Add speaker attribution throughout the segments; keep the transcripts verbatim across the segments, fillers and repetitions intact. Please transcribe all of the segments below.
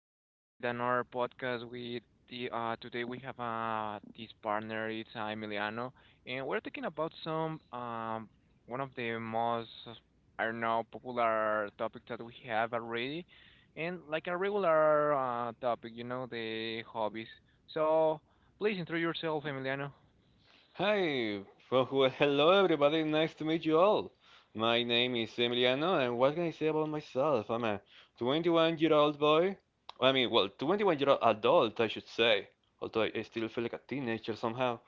Speaker 1: here with another podcast. With the uh, Today we have uh, this partner, it's uh, Emiliano, and we're talking about some um, one of the most, I don't know, popular topics that we have already, and like a regular uh, topic, you know, the hobbies. So please introduce yourself, Emiliano.
Speaker 2: Hi, well, well, hello everybody, nice to meet you all. My name is Emiliano, and what can I say about myself? I'm a twenty-one year old boy. I mean, well, twenty-one year old adult, I should say, although I I still feel like a teenager somehow.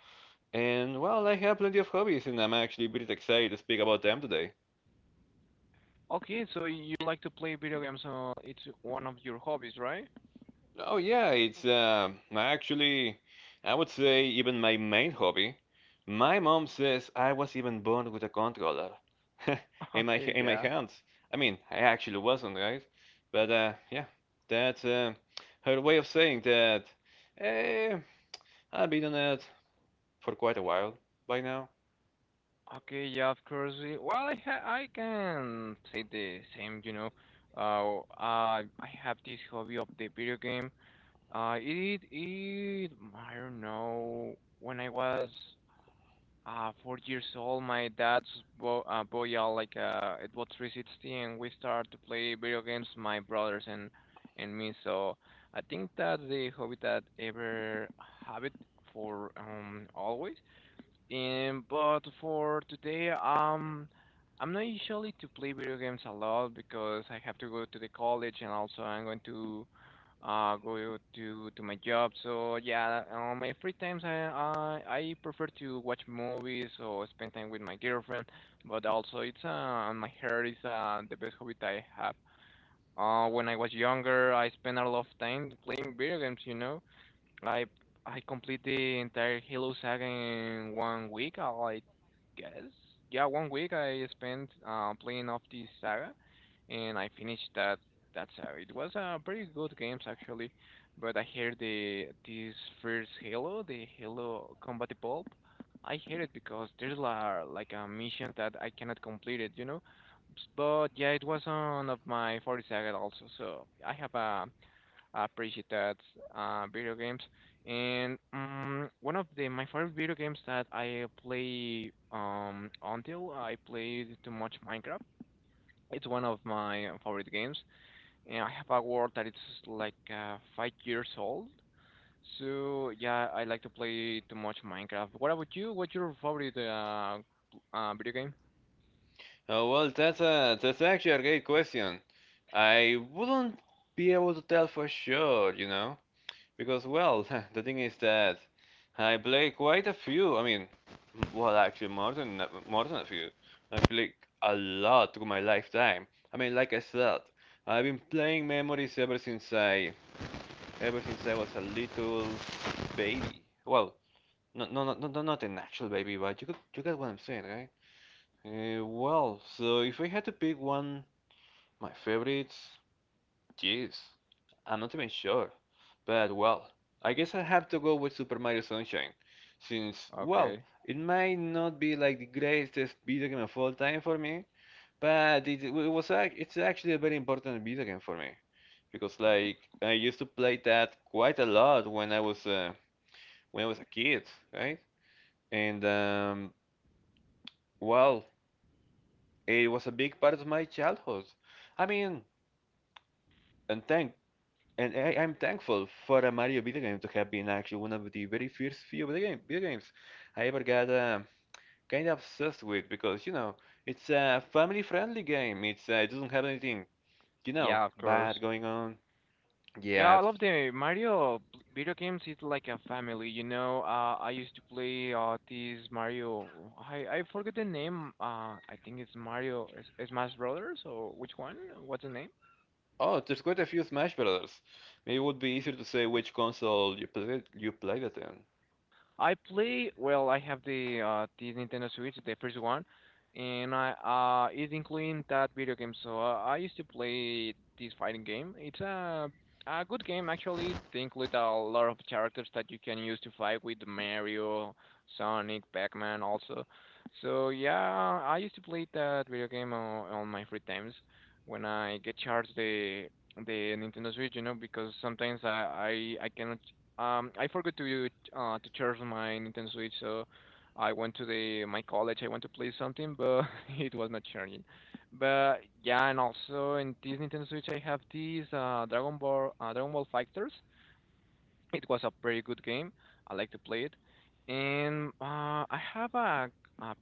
Speaker 2: And, well, I have plenty of hobbies, and I'm actually pretty excited to speak about them today.
Speaker 1: Okay, so you like to play video games, so it's one of your hobbies, right?
Speaker 2: Oh yeah, it's uh, actually, I would say even my main hobby. My mom says I was even born with a controller in my
Speaker 1: Okay,
Speaker 2: in my
Speaker 1: yeah.
Speaker 2: hands. I mean, I actually wasn't, right? But uh, yeah, that's uh, her way of saying that. Eh, I've been on it for quite a while by now.
Speaker 1: Okay, yeah, of course. eh, Well, I ha I can say the same, you know. Uh, I I have this hobby of the video game. Uh, it it I don't know. When I was uh four years old, my dad's bo uh, bought uh, like uh it was three sixty, and we start to play video games, my brothers and and me. So I think that's the hobby that ever have it for um always. Um, but for today, um, I'm not usually to play video games a lot because I have to go to the college and also I'm going to uh go to to my job. So yeah, on my free times, I I, I prefer to watch movies or spend time with my girlfriend. But also, it's uh my hair is uh the best hobby that I have. Uh, when I was younger, I spent a lot of time playing video games, you know. I I complete the entire Halo saga in one week, I like guess. Yeah, one week I spent uh, playing off the saga, and I finished that that saga. It was a pretty good games actually, but I heard the this first Halo, the Halo Combat Evolved. I hate it because there's la, like a mission that I cannot complete it, you know. S- But yeah, it was one of my forty saga also, so I have a appreciate that uh, video games. And um, One of the my favorite video games that I play um, until I played too much Minecraft. It's one of my favorite games, and I have a world that it's like uh, five years old. So yeah, I like to play too much Minecraft. What about you? What's your favorite uh, uh, video game?
Speaker 2: Oh well, that's a that's actually a great question. I wouldn't be able to tell for sure, you know. Because, well, the thing is that I play quite a few. I mean, well, actually, more than more than a few. I play a lot through my lifetime. I mean, like I said, I've been playing Memories ever since I ever since I was a little baby. Well, no, no, no, no, not an actual baby, but you could, you get what I'm saying, right? Uh, well, so if I had to pick one, my favorites. Jeez, I'm not even sure. But well, I guess I have to go with Super Mario Sunshine, since, well,
Speaker 1: Okay.
Speaker 2: it might not be like the greatest video game of all time for me, but it, it was ac- it's actually a very important video game for me, because like I used to play that quite a lot when I was uh, when I was a kid, right? And um, well, it was a big part of my childhood. I mean, and thank And I, I'm thankful for a Mario video game to have been actually one of the very first few video, game, video games I ever got uh, kind of obsessed with because, you know, it's a family friendly game. It's, uh, it doesn't have anything, you know,
Speaker 1: Yeah, of course.
Speaker 2: bad going on.
Speaker 1: Yeah, I
Speaker 2: Yeah.
Speaker 1: love the Mario p- video games. It's like a family, you know. Uh, I used to play uh this Mario. I I forget the name. Uh, I think it's Mario. Is, is Smash Brothers or which one? What's the name?
Speaker 2: Oh, there's quite a few Smash Brothers. Maybe it would be easier to say which console you played, you played it in.
Speaker 1: I play, well, I have the uh, the Nintendo Switch, the first one, and I uh, it's including that video game. So uh, I used to play this fighting game. It's a A good game actually. They include a lot of characters that you can use to fight with Mario, Sonic, Pac-Man also. So yeah, I used to play that video game on, on my free times when I get charged the the Nintendo Switch, you know, because sometimes I I, I cannot um, I forgot to uh, to charge my Nintendo Switch, so I went to the my college. I went to play something, but it was not charging. But yeah, and also in this Nintendo Switch, I have these uh, Dragon Ball uh, Dragon Ball Fighters. It was a very good game. I like to play it. And uh, I have a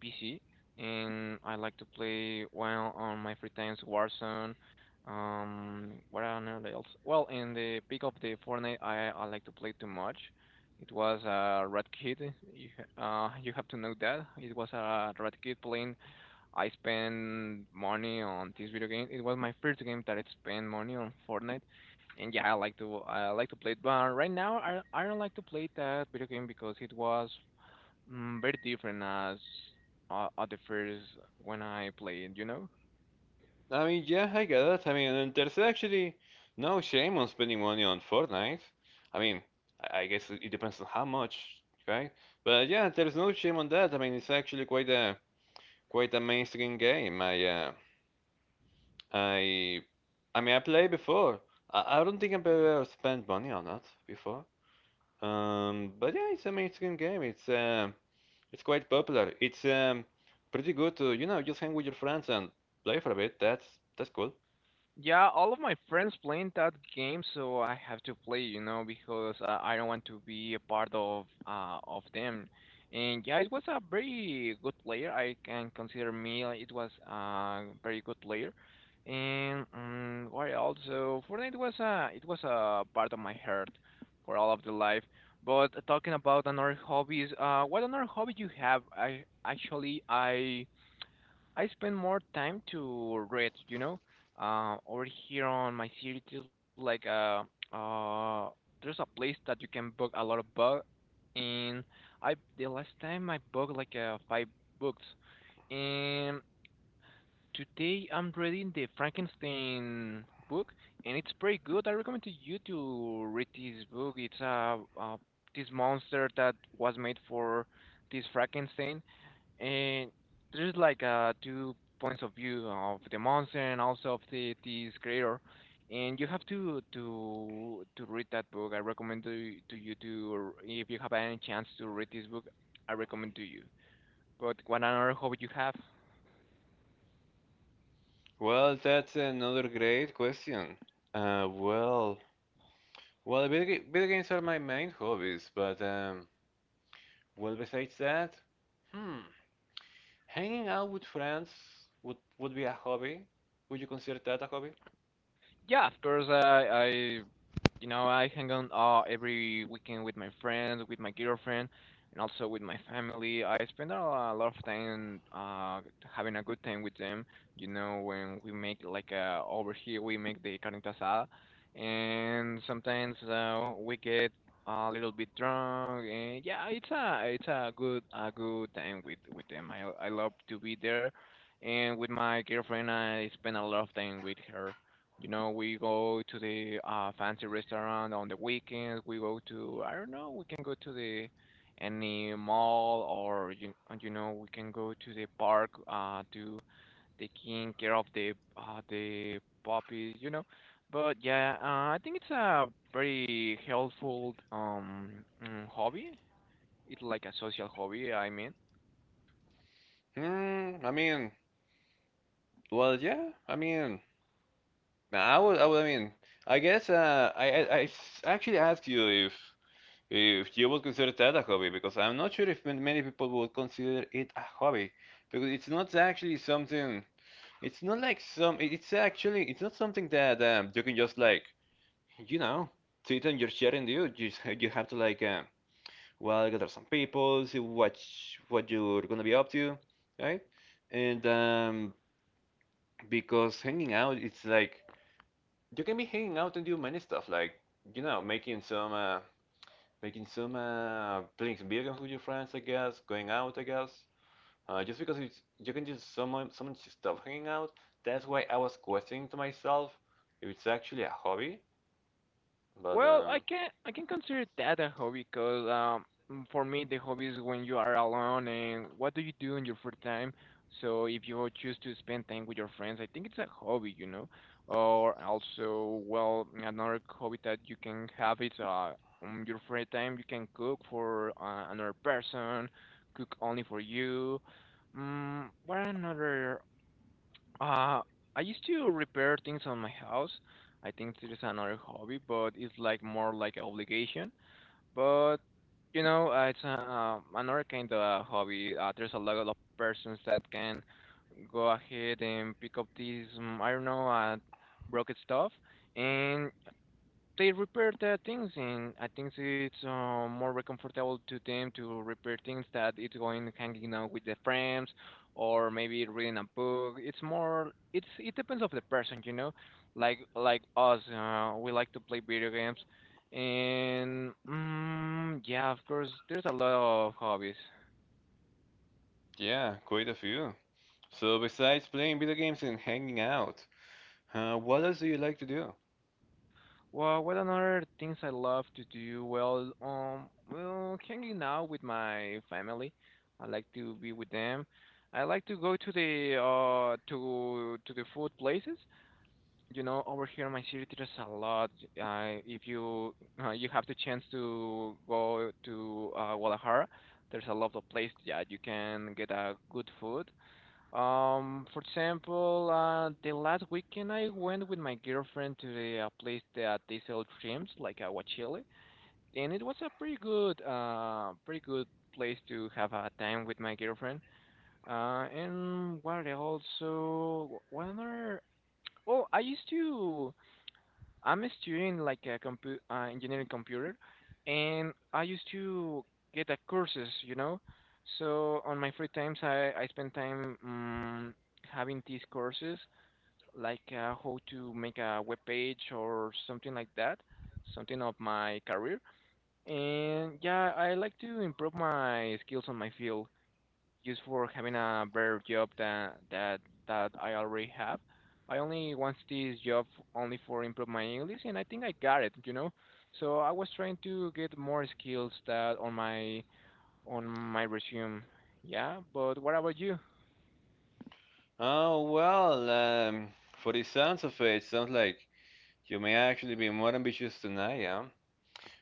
Speaker 1: P C, and I like to play, well, on my free times, Warzone. Um, what on else? Well, in the peak of the Fortnite, I, I like to play too much. It was a red kid. You, ha- uh, you have to know that it was a red kid playing. I spend money on this video game. It was my first game that I spent money on Fortnite, and yeah, I like to I like to play it. But right now, I I don't like to play that video game because it was, mm, very different as uh, at the first when I played, you know?
Speaker 2: I mean, yeah, I get it. I mean, and there's actually no shame on spending money on Fortnite. I mean, I I guess it depends on how much, right? But yeah, there's no shame on that. I mean, it's actually quite a quite a mainstream game. I uh, I I mean, I played before. I, I don't think I've ever spent money on that before. Um, but yeah, it's a mainstream game. It's um, it's quite popular. It's um, pretty good to, you know, just hang with your friends and play for a bit. That's that's cool.
Speaker 1: Yeah, all of my friends playing that game, so I have to play, you know, because uh, I don't want to be a part of uh, of them. And yeah, it was a very good player, I can consider me. uh, It was a very good player. And um, Why also Fortnite was a it was a part of my heart for all of the life. But uh, talking about another hobbies, uh, what another hobby you have? I actually I I spend more time to read, you know. Uh, over here on my city, there's like uh uh there's a place that you can book a lot of books, and I the last time I booked like uh five books, and today I'm reading the Frankenstein book, and it's pretty good. I recommend to you to read this book. It's uh, uh This monster that was made for this Frankenstein, and there's like uh, two points of view of the monster and also of the this creator, and you have to to to read that book. I recommend to, to you to, if you have any chance to read this book, I recommend to you. But what another hobby you have?
Speaker 2: Well, that's another great question. Uh, well, well, video, ga- video games are my main hobbies, but um, well, besides that, hmm, hanging out with friends would would be a hobby. Would you consider that a hobby?
Speaker 1: Yeah, of course. I, I, you know, I hang out uh, every weekend with my friends, with my girlfriend, and also with my family. I spend a a lot of time uh, having a good time with them. You know, when we make like uh, over here, we make the carnita asada, and sometimes uh, we get a little bit drunk. And yeah, it's a it's a good a good time with with them. I I love to be there, and with my girlfriend, I spend a lot of time with her, you know, we go to the uh, fancy restaurant on the weekends. We go to, I don't know, we can go to the any mall or you, and you know, we can go to the park uh, to taking care of the uh, the puppies, you know. But yeah, uh, I think it's a very helpful um mm, hobby. It's like a social hobby, I mean.
Speaker 2: Hmm, I mean, well, yeah, I mean, I would, I would, I mean, I guess uh, I, I, I s- actually asked you if if you would consider that a hobby because I'm not sure if many people would consider it a hobby because it's not actually something. It's not like some. it- It's actually. It's not something that um, you can just like, you know, sit on your chair and do. You just you have to like, um, well, gather some people, see what sh- what you're gonna be up to, right? And um, because hanging out, it's like you can be hanging out and do many stuff, like you know, making some, uh, making some, uh, playing some video games with your friends, I guess, going out, I guess. Uh, just because it's, you can just summon, summon stuff hanging out, that's why I was questioning to myself if it's actually a hobby. But
Speaker 1: Well,
Speaker 2: um,
Speaker 1: I can I can consider that a hobby because um mm, for me the hobby is when you are alone and what do you do in your free time. So if you choose to spend time with your friends, I think it's a hobby, you know. Or also, well, another hobby that you can have is uh on your free time you can cook for uh, another person, cook only for you. Mm, what another uh, I used to repair things on my house. I think it is another hobby, but it's like more like an obligation. But you know, uh, it's a, uh, another kind of hobby. Uh, there's a lot of persons that can go ahead and pick up these, um, I don't know, uh, broken stuff, and they repair the things, and I think so it's uh, more comfortable to them to repair things that it's going hanging out with the friends, or maybe reading a book. It's more, it's it depends of the person, you know. Like like us, uh, we like to play video games, and mm, yeah, of course, there's a lot of hobbies.
Speaker 2: yeah, quite a few. So besides playing video games and hanging out, uh, what else do you like to do?
Speaker 1: Well, what another things I love to do? Well, um, well, hanging out with my family. I like to be with them. I like to go to the uh to to the food places. You know, over here in my city there's a lot. Uh, if you uh, you have the chance to go to uh, Guadalajara, there's a lot of places. Yeah, you can get a good food. Um, for example, uh, the last weekend I went with my girlfriend to the uh, place that they sell shrimps, like agua aguachile, and it was a pretty good, uh, pretty good place to have a time with my girlfriend. Uh, and what else? So, wh- when are? Oh, I used to. I'm studying like a compu- uh, engineering computer, and I used to get a courses, you know. So on my free times, I I spend time um, having these courses, like uh, how to make a web page or something like that, something of my career. And yeah, I like to improve my skills on my field just for having a better job than that that I already have. I only want this job only for improve my English, and I think I got it, you know. So I was trying to get more skills that on my on my resume. Yeah, but what about you?
Speaker 2: Oh well, um, for the sounds of it, sounds like you may actually be more ambitious than I am.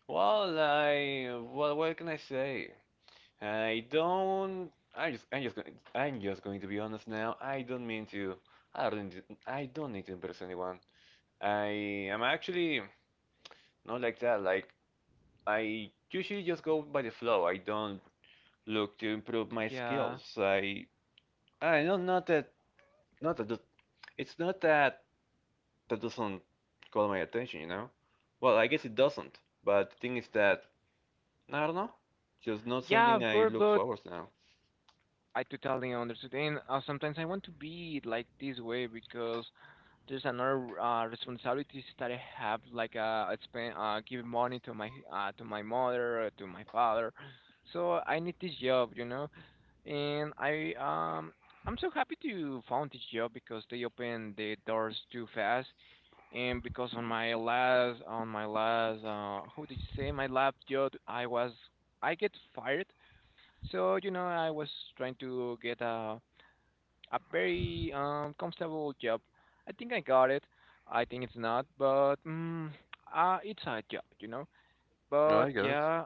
Speaker 2: Well, I well, what can I say? I don't. I just, I'm just going. I'm just going to be honest now. I don't mean to. I don't need. I don't need to impress anyone. I am actually not like that. Like I usually just go by the flow. I don't look to improve my
Speaker 1: Yeah,
Speaker 2: skills. I. I know not that. Not that. does- It's not that that doesn't call my attention. You know. Well, I guess it doesn't. But the thing is that I don't know. Just not
Speaker 1: yeah,
Speaker 2: something
Speaker 1: of
Speaker 2: I
Speaker 1: course,
Speaker 2: look
Speaker 1: but
Speaker 2: forward to now.
Speaker 1: I totally understand. And Uh, sometimes I want to be like this way because there's another uh, responsibilities that I have, like uh, I spend uh, giving money to my uh, to my mother or to my father. So I need this job, you know, and I um I'm so happy to found this job because they open the doors too fast, and because on my last on my last uh how did you say, my last job, I was I get fired, so you know I was trying to get a a very um, comfortable job. I think I got it. I think it's not, but mm, uh, it's a job, you know. But
Speaker 2: I guess.
Speaker 1: yeah,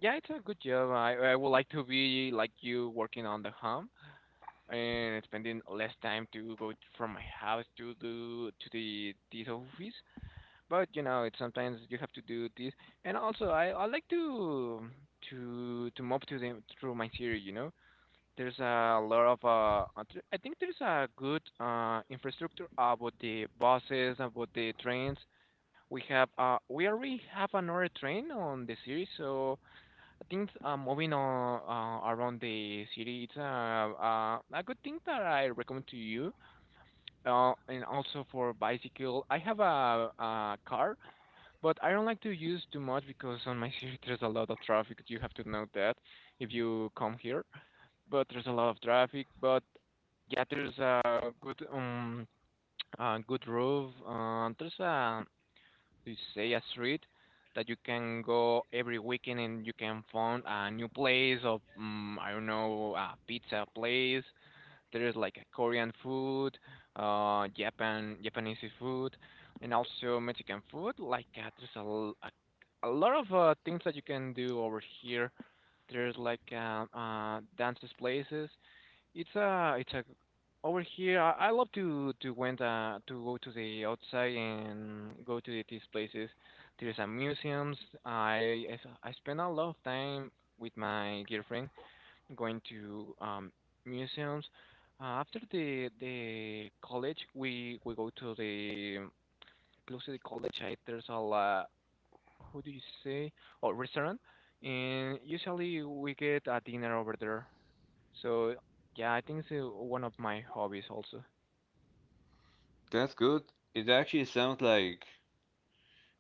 Speaker 1: yeah, it's a good job. I I would like to be like you, working on the home and spending less time to go from my house to the to the this office. But you know, it's sometimes you have to do this, and also I I like to to to move to the through my theory, you know. There's a lot of uh, uh, th- I think there's a good uh, infrastructure about the buses, about the trains. We have uh, we already have another train on the series, so I think uh, moving on uh, around the city, it's uh, uh, a good thing that I recommend to you. Uh, and also for bicycle, I have a, a car, but I don't like to use too much because on my city there's a lot of traffic. You have to know that if you come here, but there's a lot of traffic. But yeah, there's a good um a good roof. Uh, there's a, you say, a street that you can go every weekend and you can find a new place of um, I don't know, a pizza place. There's like a Korean food, uh, Japan Japanese food, and also Mexican food. Like, uh, there's a, l- a a lot of uh, things that you can do over here. There's like uh, uh, dances places. It's a it's a over here. I, I love to to went uh to go to the outside and go to these places. There's a museums. I I s- I spend a lot of time with my girlfriend going to um museums. Uh, after the the college, we we go to the close to the college. I, there's a la, how do you say, or restaurant, and usually we get a dinner over there. So yeah, I think it's uh, one of my hobbies also.
Speaker 2: That's good. It actually sounds like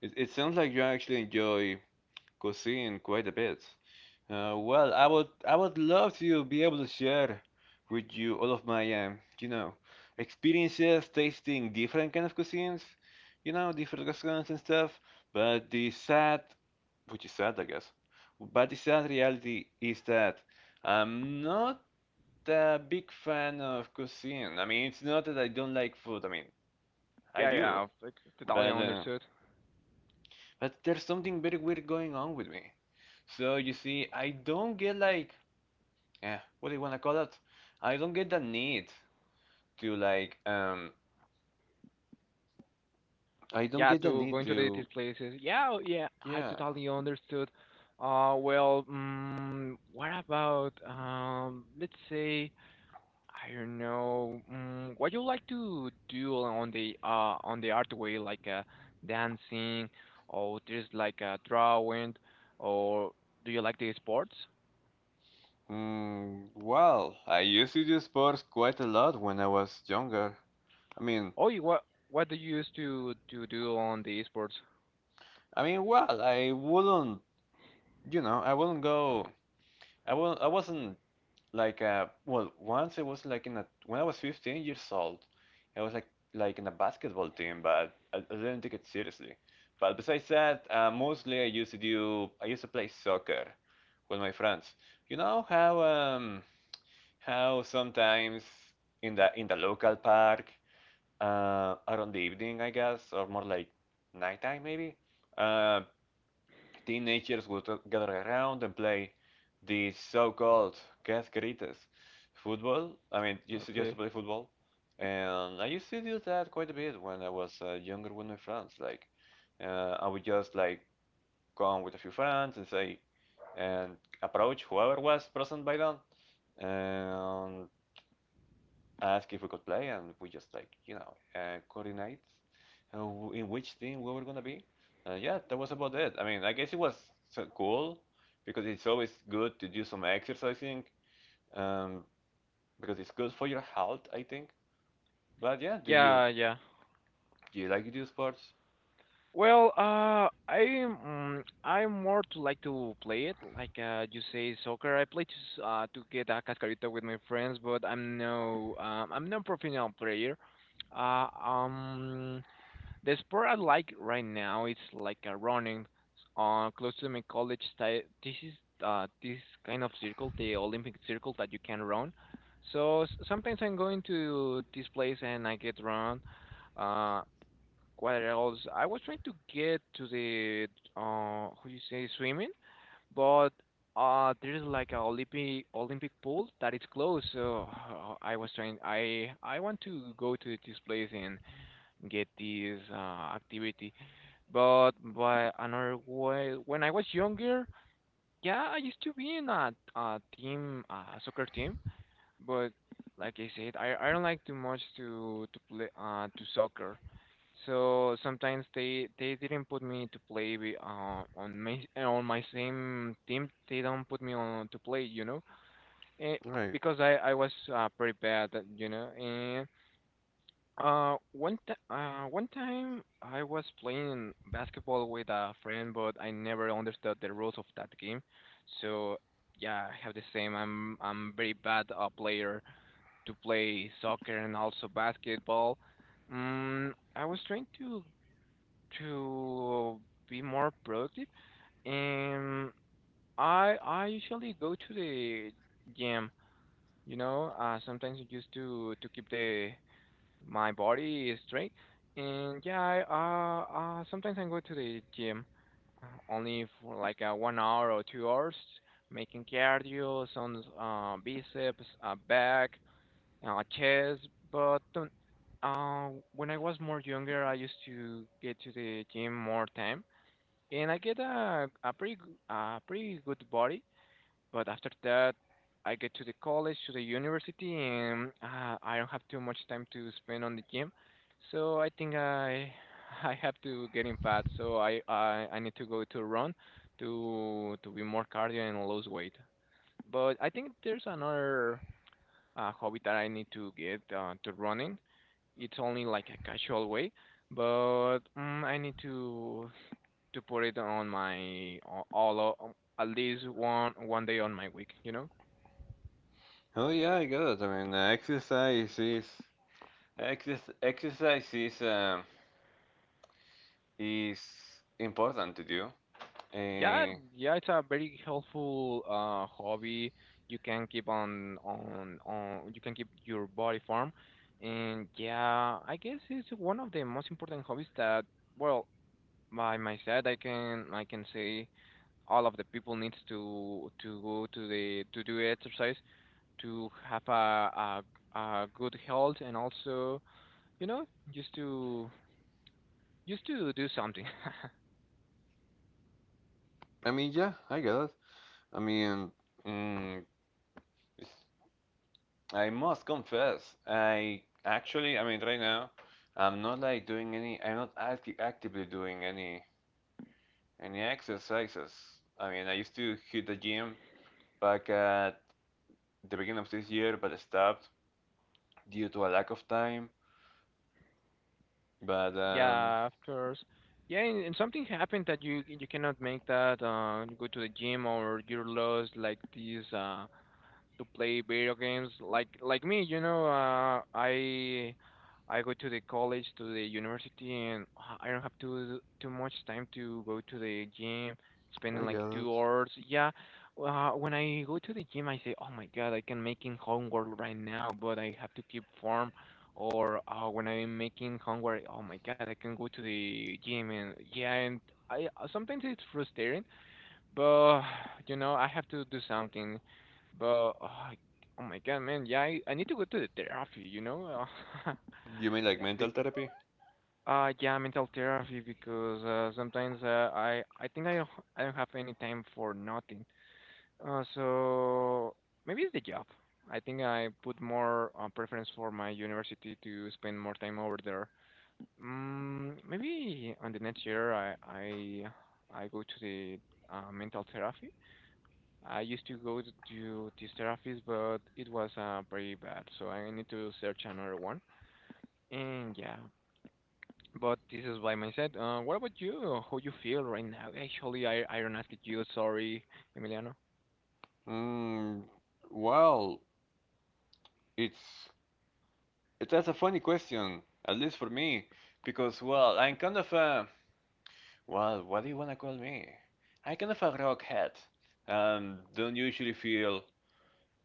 Speaker 2: it, it sounds like you actually enjoy cuisine quite a bit. Uh, well, I would I would love to be able to share with you all of my um, you know, experiences tasting different kind of cuisines, you know, different restaurants and stuff. But the sad, which is sad, I guess, but the sad reality is that I'm not a big fan of cuisine. I mean, it's not that I don't like food. I mean, I
Speaker 1: Yeah,
Speaker 2: do,
Speaker 1: yeah, I totally
Speaker 2: but. Uh,
Speaker 1: understood.
Speaker 2: But there's something very weird going on with me. So you see, I don't get like, eh, what do you wanna call it? I don't get the need to like, um, I
Speaker 1: Yeah,
Speaker 2: don't get the
Speaker 1: to going
Speaker 2: need
Speaker 1: to the, these
Speaker 2: to,
Speaker 1: places. Yeah, oh, yeah, I
Speaker 2: yeah.
Speaker 1: totally understood. Uh, well, mm, what about, um, let's say, I don't know. Mm, what you like to do on the uh on the art way, like uh, dancing, or just like uh, drawing, or do you like the sports?
Speaker 2: Mm, well, I used to do sports quite a lot when I was younger. I mean,
Speaker 1: Oh, you, what what do you used to to do on the sports?
Speaker 2: I mean, well, I wouldn't, you know, I wouldn't go, I wouldn't, I wasn't. Like uh well once I was like in a when I was fifteen years old, I was like like in a basketball team, but I, I didn't take it seriously. But besides that, uh, mostly I used to do I used to play soccer with my friends. You know how um how sometimes in the in the local park uh around the evening I guess, or more like nighttime maybe. uh Teenagers would gather around and play these so-called cascaritas football. I mean, used to, used to
Speaker 1: Okay.
Speaker 2: play football, and I used to do that quite a bit when I was uh, younger with my friends. Like, uh, I would just like come with a few friends and say, and approach whoever was present by then, and asked if we could play, and we just like you know uh, coordinate uh, in which team we were gonna be. And yeah, that was about it. I mean, I guess it was so cool because it's always good to do some exercising um, because it's good for your health, I think. But yeah, do you
Speaker 1: Yeah, yeah.
Speaker 2: do you like to do sports?
Speaker 1: Well, uh, I mm, I'm more to like to play it, like, uh, you say, soccer. I play to s- uh to get a cascarita with my friends, but I'm no um I'm no professional player. Uh, um, the sport I like right now is like uh, running. Uh, close to my college, ti- this is uh this kind of circle, the Olympic circle that you can run. So, s- sometimes I'm going to this place and I get run. Uh. What else? I was trying to get to the uh, how you say, swimming, but uh, there's like a Olympic Olympic pool that is closed. So uh, I was trying. I I want to go to this place and get this uh, activity. But by another way, when I was younger, yeah, I used to be in a, a team, a soccer team. But like I said, I I don't like too much to to play uh to soccer. So sometimes they they didn't put me to play with, uh, on my on my same team. They don't put me on to play, you know, eh,
Speaker 2: Right.
Speaker 1: because I I was uh, pretty bad, uh, you know. And uh one t- uh one time I was playing basketball with a friend, but I never understood the rules of that game. So yeah, I have the same. I'm I'm very bad, uh, player to play soccer and also basketball. Mm, I was trying to to be more productive. And I I usually go to the gym. You know, uh, sometimes just to to keep the my body straight. And yeah, I, uh, uh, sometimes I go to the gym, uh, only for like, uh, one hour or two hours, making cardio, some uh, biceps, uh, back, uh, chest. But um, uh, when I was more younger, I used to get to the gym more time and I get a a pretty g- a pretty good body. But after that, I get to the college, to the university, and uh, I don't have too much time to spend on the gym. So I think I I have to get in fat. So I I, I need to go to run to to be more cardio and lose weight. But I think there's another uh, hobby that I need to get, uh, to running. It's only like a casual way, but mm, I need to to put it on my all o- um, at least one one day on my week. You know.
Speaker 2: Oh yeah, I got it. I mean, uh, exercise is exer- exercise is um, is important to do.
Speaker 1: Yeah,
Speaker 2: Uh,
Speaker 1: yeah, it's a very helpful uh, hobby. You can keep on on on. You can keep your body firm, and yeah, I guess it's one of the most important hobbies that, well, by my side, I can I can say all of the people needs to to go to the to do exercise to have a a, a good health and also, you know just to. Used to do something.
Speaker 2: I mean, yeah, I got it. I mean, mm, I must confess, I actually, I mean, right now, I'm not like doing any, I'm not act actively doing any any exercises. I mean, I used to hit the gym back at the beginning of this year, but I stopped due to a lack of time. But um,
Speaker 1: Yeah, of course. Yeah, and, and something happened that you you cannot make that. Uh, you go to the gym or you're lost like this. Uh, to play video games like like me. You know uh, i i go to the college, to the university, and h- i don't have too too much time to go to the gym, spending
Speaker 2: I
Speaker 1: like
Speaker 2: get it.
Speaker 1: two hours, yeah. Uh, when I go to the gym, I say, oh my God, I can making homework right now, but I have to keep form. Or, uh, when I'm making homework, oh my God, I can go to the gym. And yeah, and I uh, sometimes it's frustrating. But, you know, I have to do something. But oh, oh my God, man, yeah, I, I need to go to the therapy. You know. uh,
Speaker 2: You mean like
Speaker 1: Yeah,
Speaker 2: mental
Speaker 1: bec-
Speaker 2: therapy?
Speaker 1: uh, yeah, mental therapy, because uh, sometimes, uh, I I think I don't, I don't have any time for nothing. Uh, so maybe it's the job. I think I put more uh, preference for my university to spend more time over there. Mm, maybe on the next year, I I I go to the uh, mental therapy. I used to go to to this therapist, but it was uh, pretty bad, so I need to search another one. And yeah, but this is by mindset. Uh, what about you? How you feel right now? Actually, I I don't ask you. Sorry, Emiliano.
Speaker 2: Mm, well, it's it, that's a funny question, at least for me, because well, I'm kind of a. Well, what do you want to call me? I kind of a rockhead. Um, don't usually feel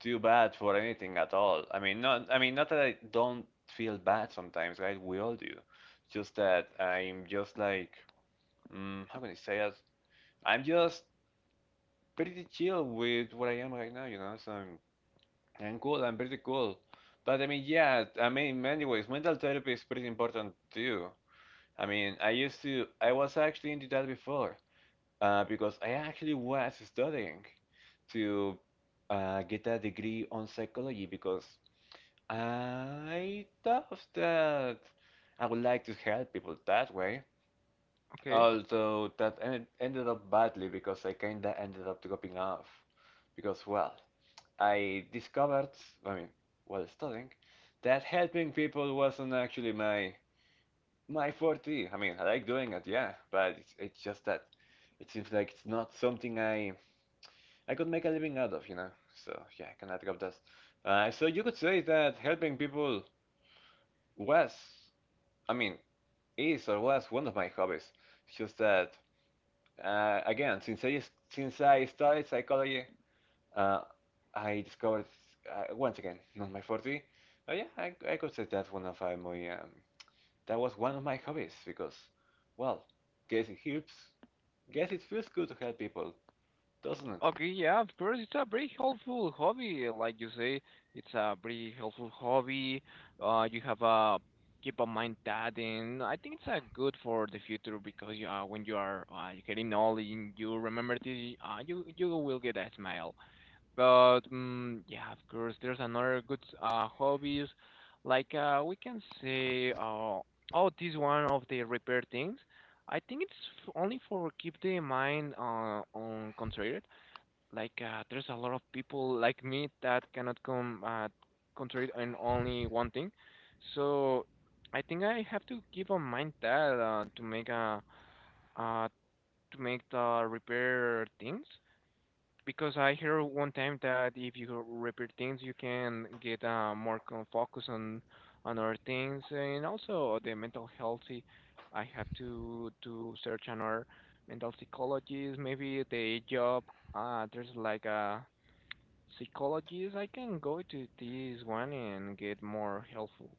Speaker 2: too bad for anything at all. I mean, not. I mean, not that I don't feel bad sometimes, right? We all do. Just that I'm just like, mm, how can I say it? I'm just pretty chill with what I am right now, you know. So I'm, I'm cool. I'm pretty cool. But I mean, yeah. I mean, in many ways, mental therapy is pretty important too. I mean, I used to. I was actually into that before. uh, because I actually was studying to uh, get a degree on psychology because I thought that I would like to help people that way.
Speaker 1: Okay.
Speaker 2: Although that en- ended up badly because I kinda ended up dropping off. Because, well, I discovered, I mean, while studying, that helping people wasn't actually my my forte. I mean, I like doing it, yeah, but it's, it's just that it seems like it's not something I I could make a living out of, you know. So yeah, I cannot drop that. Uh, so you could say that helping people was, I mean, is or was one of my hobbies. It's just that uh, again, since I since I studied psychology, uh, I discovered uh, once again not my forte. Uh, yeah, I, I could say that one of uh, my um, that was one of my hobbies because, well, guess it helps. Guess it feels good to help people, doesn't it?
Speaker 1: Okay, yeah, of course, it's a very helpful hobby. Like you say, it's a very helpful hobby. Uh, you have a keep in mind that, and I think it's uh, good for the future because, you, uh, when you are, uh, getting old, and you remember this, uh, you you will get a smile. But mm yeah, of course, there's another good uh hobbies, like, uh we can say, uh oh, this one of the repair things. I think it's f- only for keep the mind, uh, on concentrated, like, uh, there's a lot of people like me that cannot come, uh, concentrate on only one thing. So I think I have to keep on mind that, uh, to make a uh, to make the repair things, because I hear one time that if you repair things, you can get, uh, more con- focus on on other things and also the mental healthy. I have to to search another mental psychologist, maybe the job. Uh, there's like a psychologists. I can go to this one and get more helpful,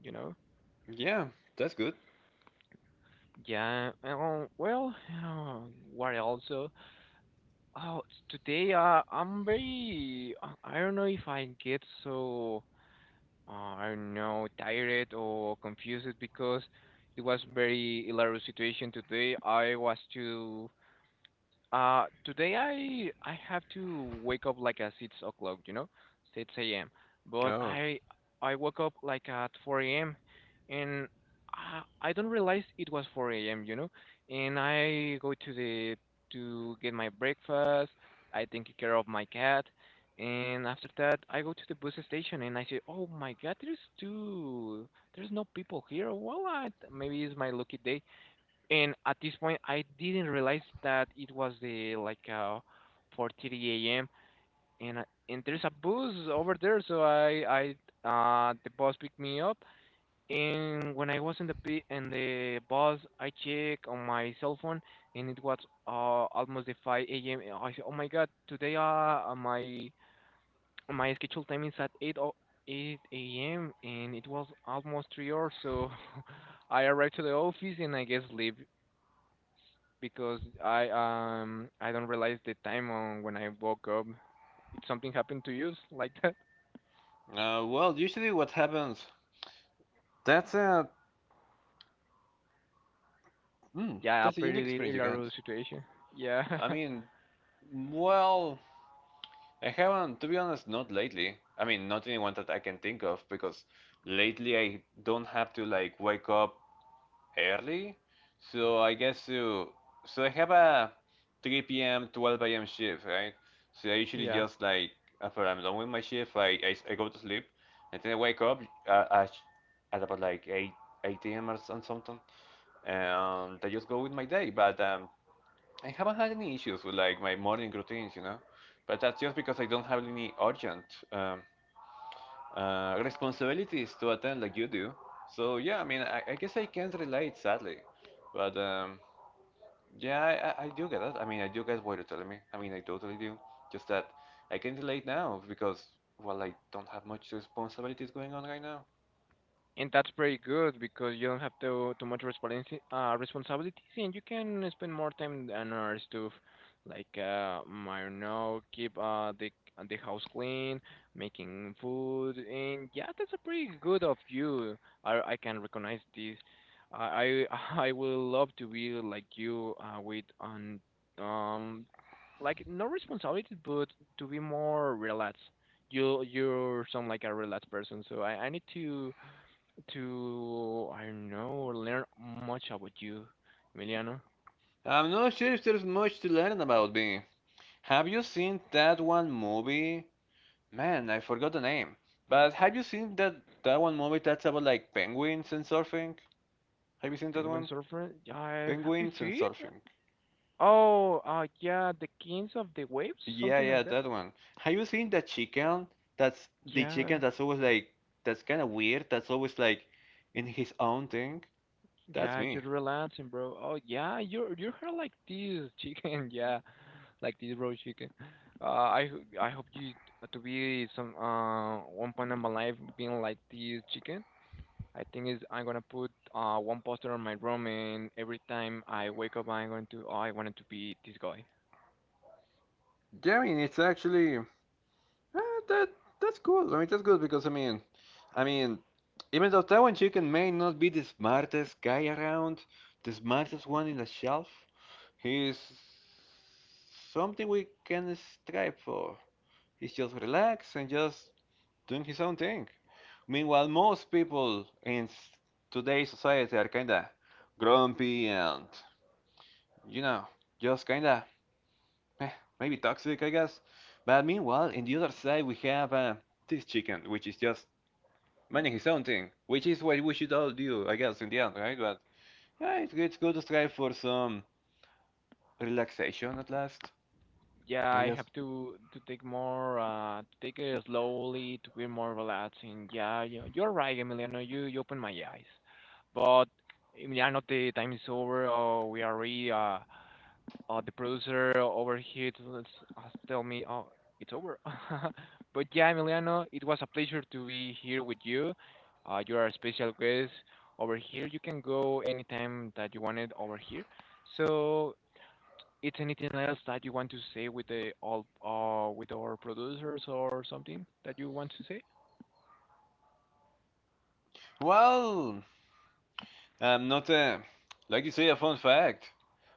Speaker 1: you know?
Speaker 2: Yeah, that's good.
Speaker 1: Yeah, um, well, uh, what also? Oh, t- today, uh, I'm very, uh, I don't know if I get so, uh, I don't know, tired or confused, because it was very hilarious situation today. I was to Uh, today, I I have to wake up like at six o'clock, you know, six a m. But
Speaker 2: Oh.
Speaker 1: I I woke up like at four a m And I, I don't realize it was four a m. You know, and I go to the, to get my breakfast. I take care of my cat, and after that I go to the bus station and I say, oh my God, there's two, there's no people here. Well, I, maybe it's my lucky day, and at this point I didn't realize that it was the like, uh four thirty a m And I- and there's a bus over there, so I I uh the bus picked me up. And when I was in the p in the bus, I check on my cell phone, and it was uh almost the five a m, and I said, oh my God, today, uh uh, my my scheduled time is at eight o- eight a m, and it was almost three hours, so I arrived to the office and I guess sleep, because I um I don't realize the time on when I woke up. If something happened to you like that,
Speaker 2: Uh, well, usually what happens, that's a, mm,
Speaker 1: yeah, a
Speaker 2: that's a unique
Speaker 1: pretty
Speaker 2: experience you got.
Speaker 1: hilarious situation. Yeah,
Speaker 2: I mean, well, I haven't, to be honest, not lately. I mean, not anyone that I can think of because lately I don't have to like wake up early. So I guess uh so I have a three p m, twelve a m shift, right? So I usually
Speaker 1: yeah.
Speaker 2: just like after I'm done with my shift, I, I, I go to sleep and then I wake up uh, at, at about like eight eight a m or some- something, and I just go with my day. But um, I haven't had any issues with like my morning routines, you know. But that's just because I don't have any urgent um, uh, responsibilities to attend like you do. So yeah, I mean, I, I guess I can't relate sadly, but um, yeah, I, I I do get it. I mean, I do get what you're telling me. I mean, I totally do. Just that I can relate now because well, I don't have much responsibilities going on right now.
Speaker 1: And that's pretty good because you don't have to too much responsi uh, responsibilities, and you can spend more time on other stuff, like uh, mm, I don't know, keep, uh, the the house clean, making food, and yeah, that's a pretty good of you. I I can recognize this. I I I would love to be like you, uh, with on, um like, no responsibilities, but to be more relaxed. You you sound like a relaxed person, so I I need to, to I don't know, learn much about you, Emiliano.
Speaker 2: I'm not sure if there's much to learn about me. Have you seen that one movie? Man, I forgot the name. But have you seen that that one movie that's about like penguins and surfing? Have you seen that
Speaker 1: Penguin
Speaker 2: one?
Speaker 1: surfer, yeah, Happy
Speaker 2: Penguins and
Speaker 1: Feet.
Speaker 2: surfing.
Speaker 1: Oh, uh, yeah, the kings of the waves,
Speaker 2: Yeah,
Speaker 1: something
Speaker 2: yeah,
Speaker 1: like that.
Speaker 2: that one. Have you seen that chicken? That's the
Speaker 1: Yeah,
Speaker 2: chicken that's always like that's kind of weird. That's always like in his own thing. That's
Speaker 1: yeah, you're
Speaker 2: me.
Speaker 1: relaxing, bro. Oh, yeah, you're you're hair like this chicken. Yeah, like this bro chicken. Uh, I ho- I hope you to be some uh one point in my life, being like this chicken. I think is I'm gonna put, uh, one poster on my room, and every time I wake up, I'm going to, oh, I wanted to be this guy.
Speaker 2: Yeah, I mean it's actually. Uh, that that's cool. I mean, that's good because I mean, I mean, even though Taiwan chicken may not be the smartest guy around, the smartest one in the shelf, he's something we can strive for. He's just relaxed and just doing his own thing. Meanwhile, most people in s- today's society are kinda grumpy and you know, just kinda eh, maybe toxic, I guess. But meanwhile, in the other side, we have uh, this chicken, which is just managing his own thing, which is what we should all do, I guess, in the end, right? But yeah, it's, it's good to strive for some relaxation at last,
Speaker 1: Yeah,
Speaker 2: I
Speaker 1: I
Speaker 2: guess.
Speaker 1: have to to take more, uh, to take it slowly, to be more relaxing. Yeah, you you're right, Emiliano. You you opened my eyes, but, Emiliano, the time is over. Oh, we are really, uh, uh, the producer over here to s- uh, tell me, oh, it's over. But yeah, Emiliano, it was a pleasure to be here with you. Uh, you are a special guest over here. You can go anytime that you wanted over here. So, it's anything else that you want to say with the all uh, with our producers, or something that you want to say?
Speaker 2: Well, I'm not, uh, like you say, a fun fact,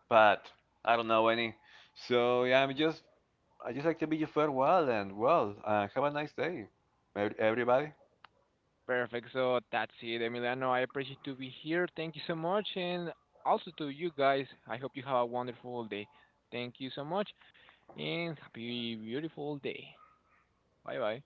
Speaker 2: but I don't know any. So yeah, I'm just, I just like to bid you farewell and well, uh, have a nice day, ev- everybody.
Speaker 1: Perfect. So that's it, Emiliano. I appreciate to be here. Thank you so much, and also to you guys. I hope you have a wonderful day. Thank you so much, and happy beautiful day. Bye bye.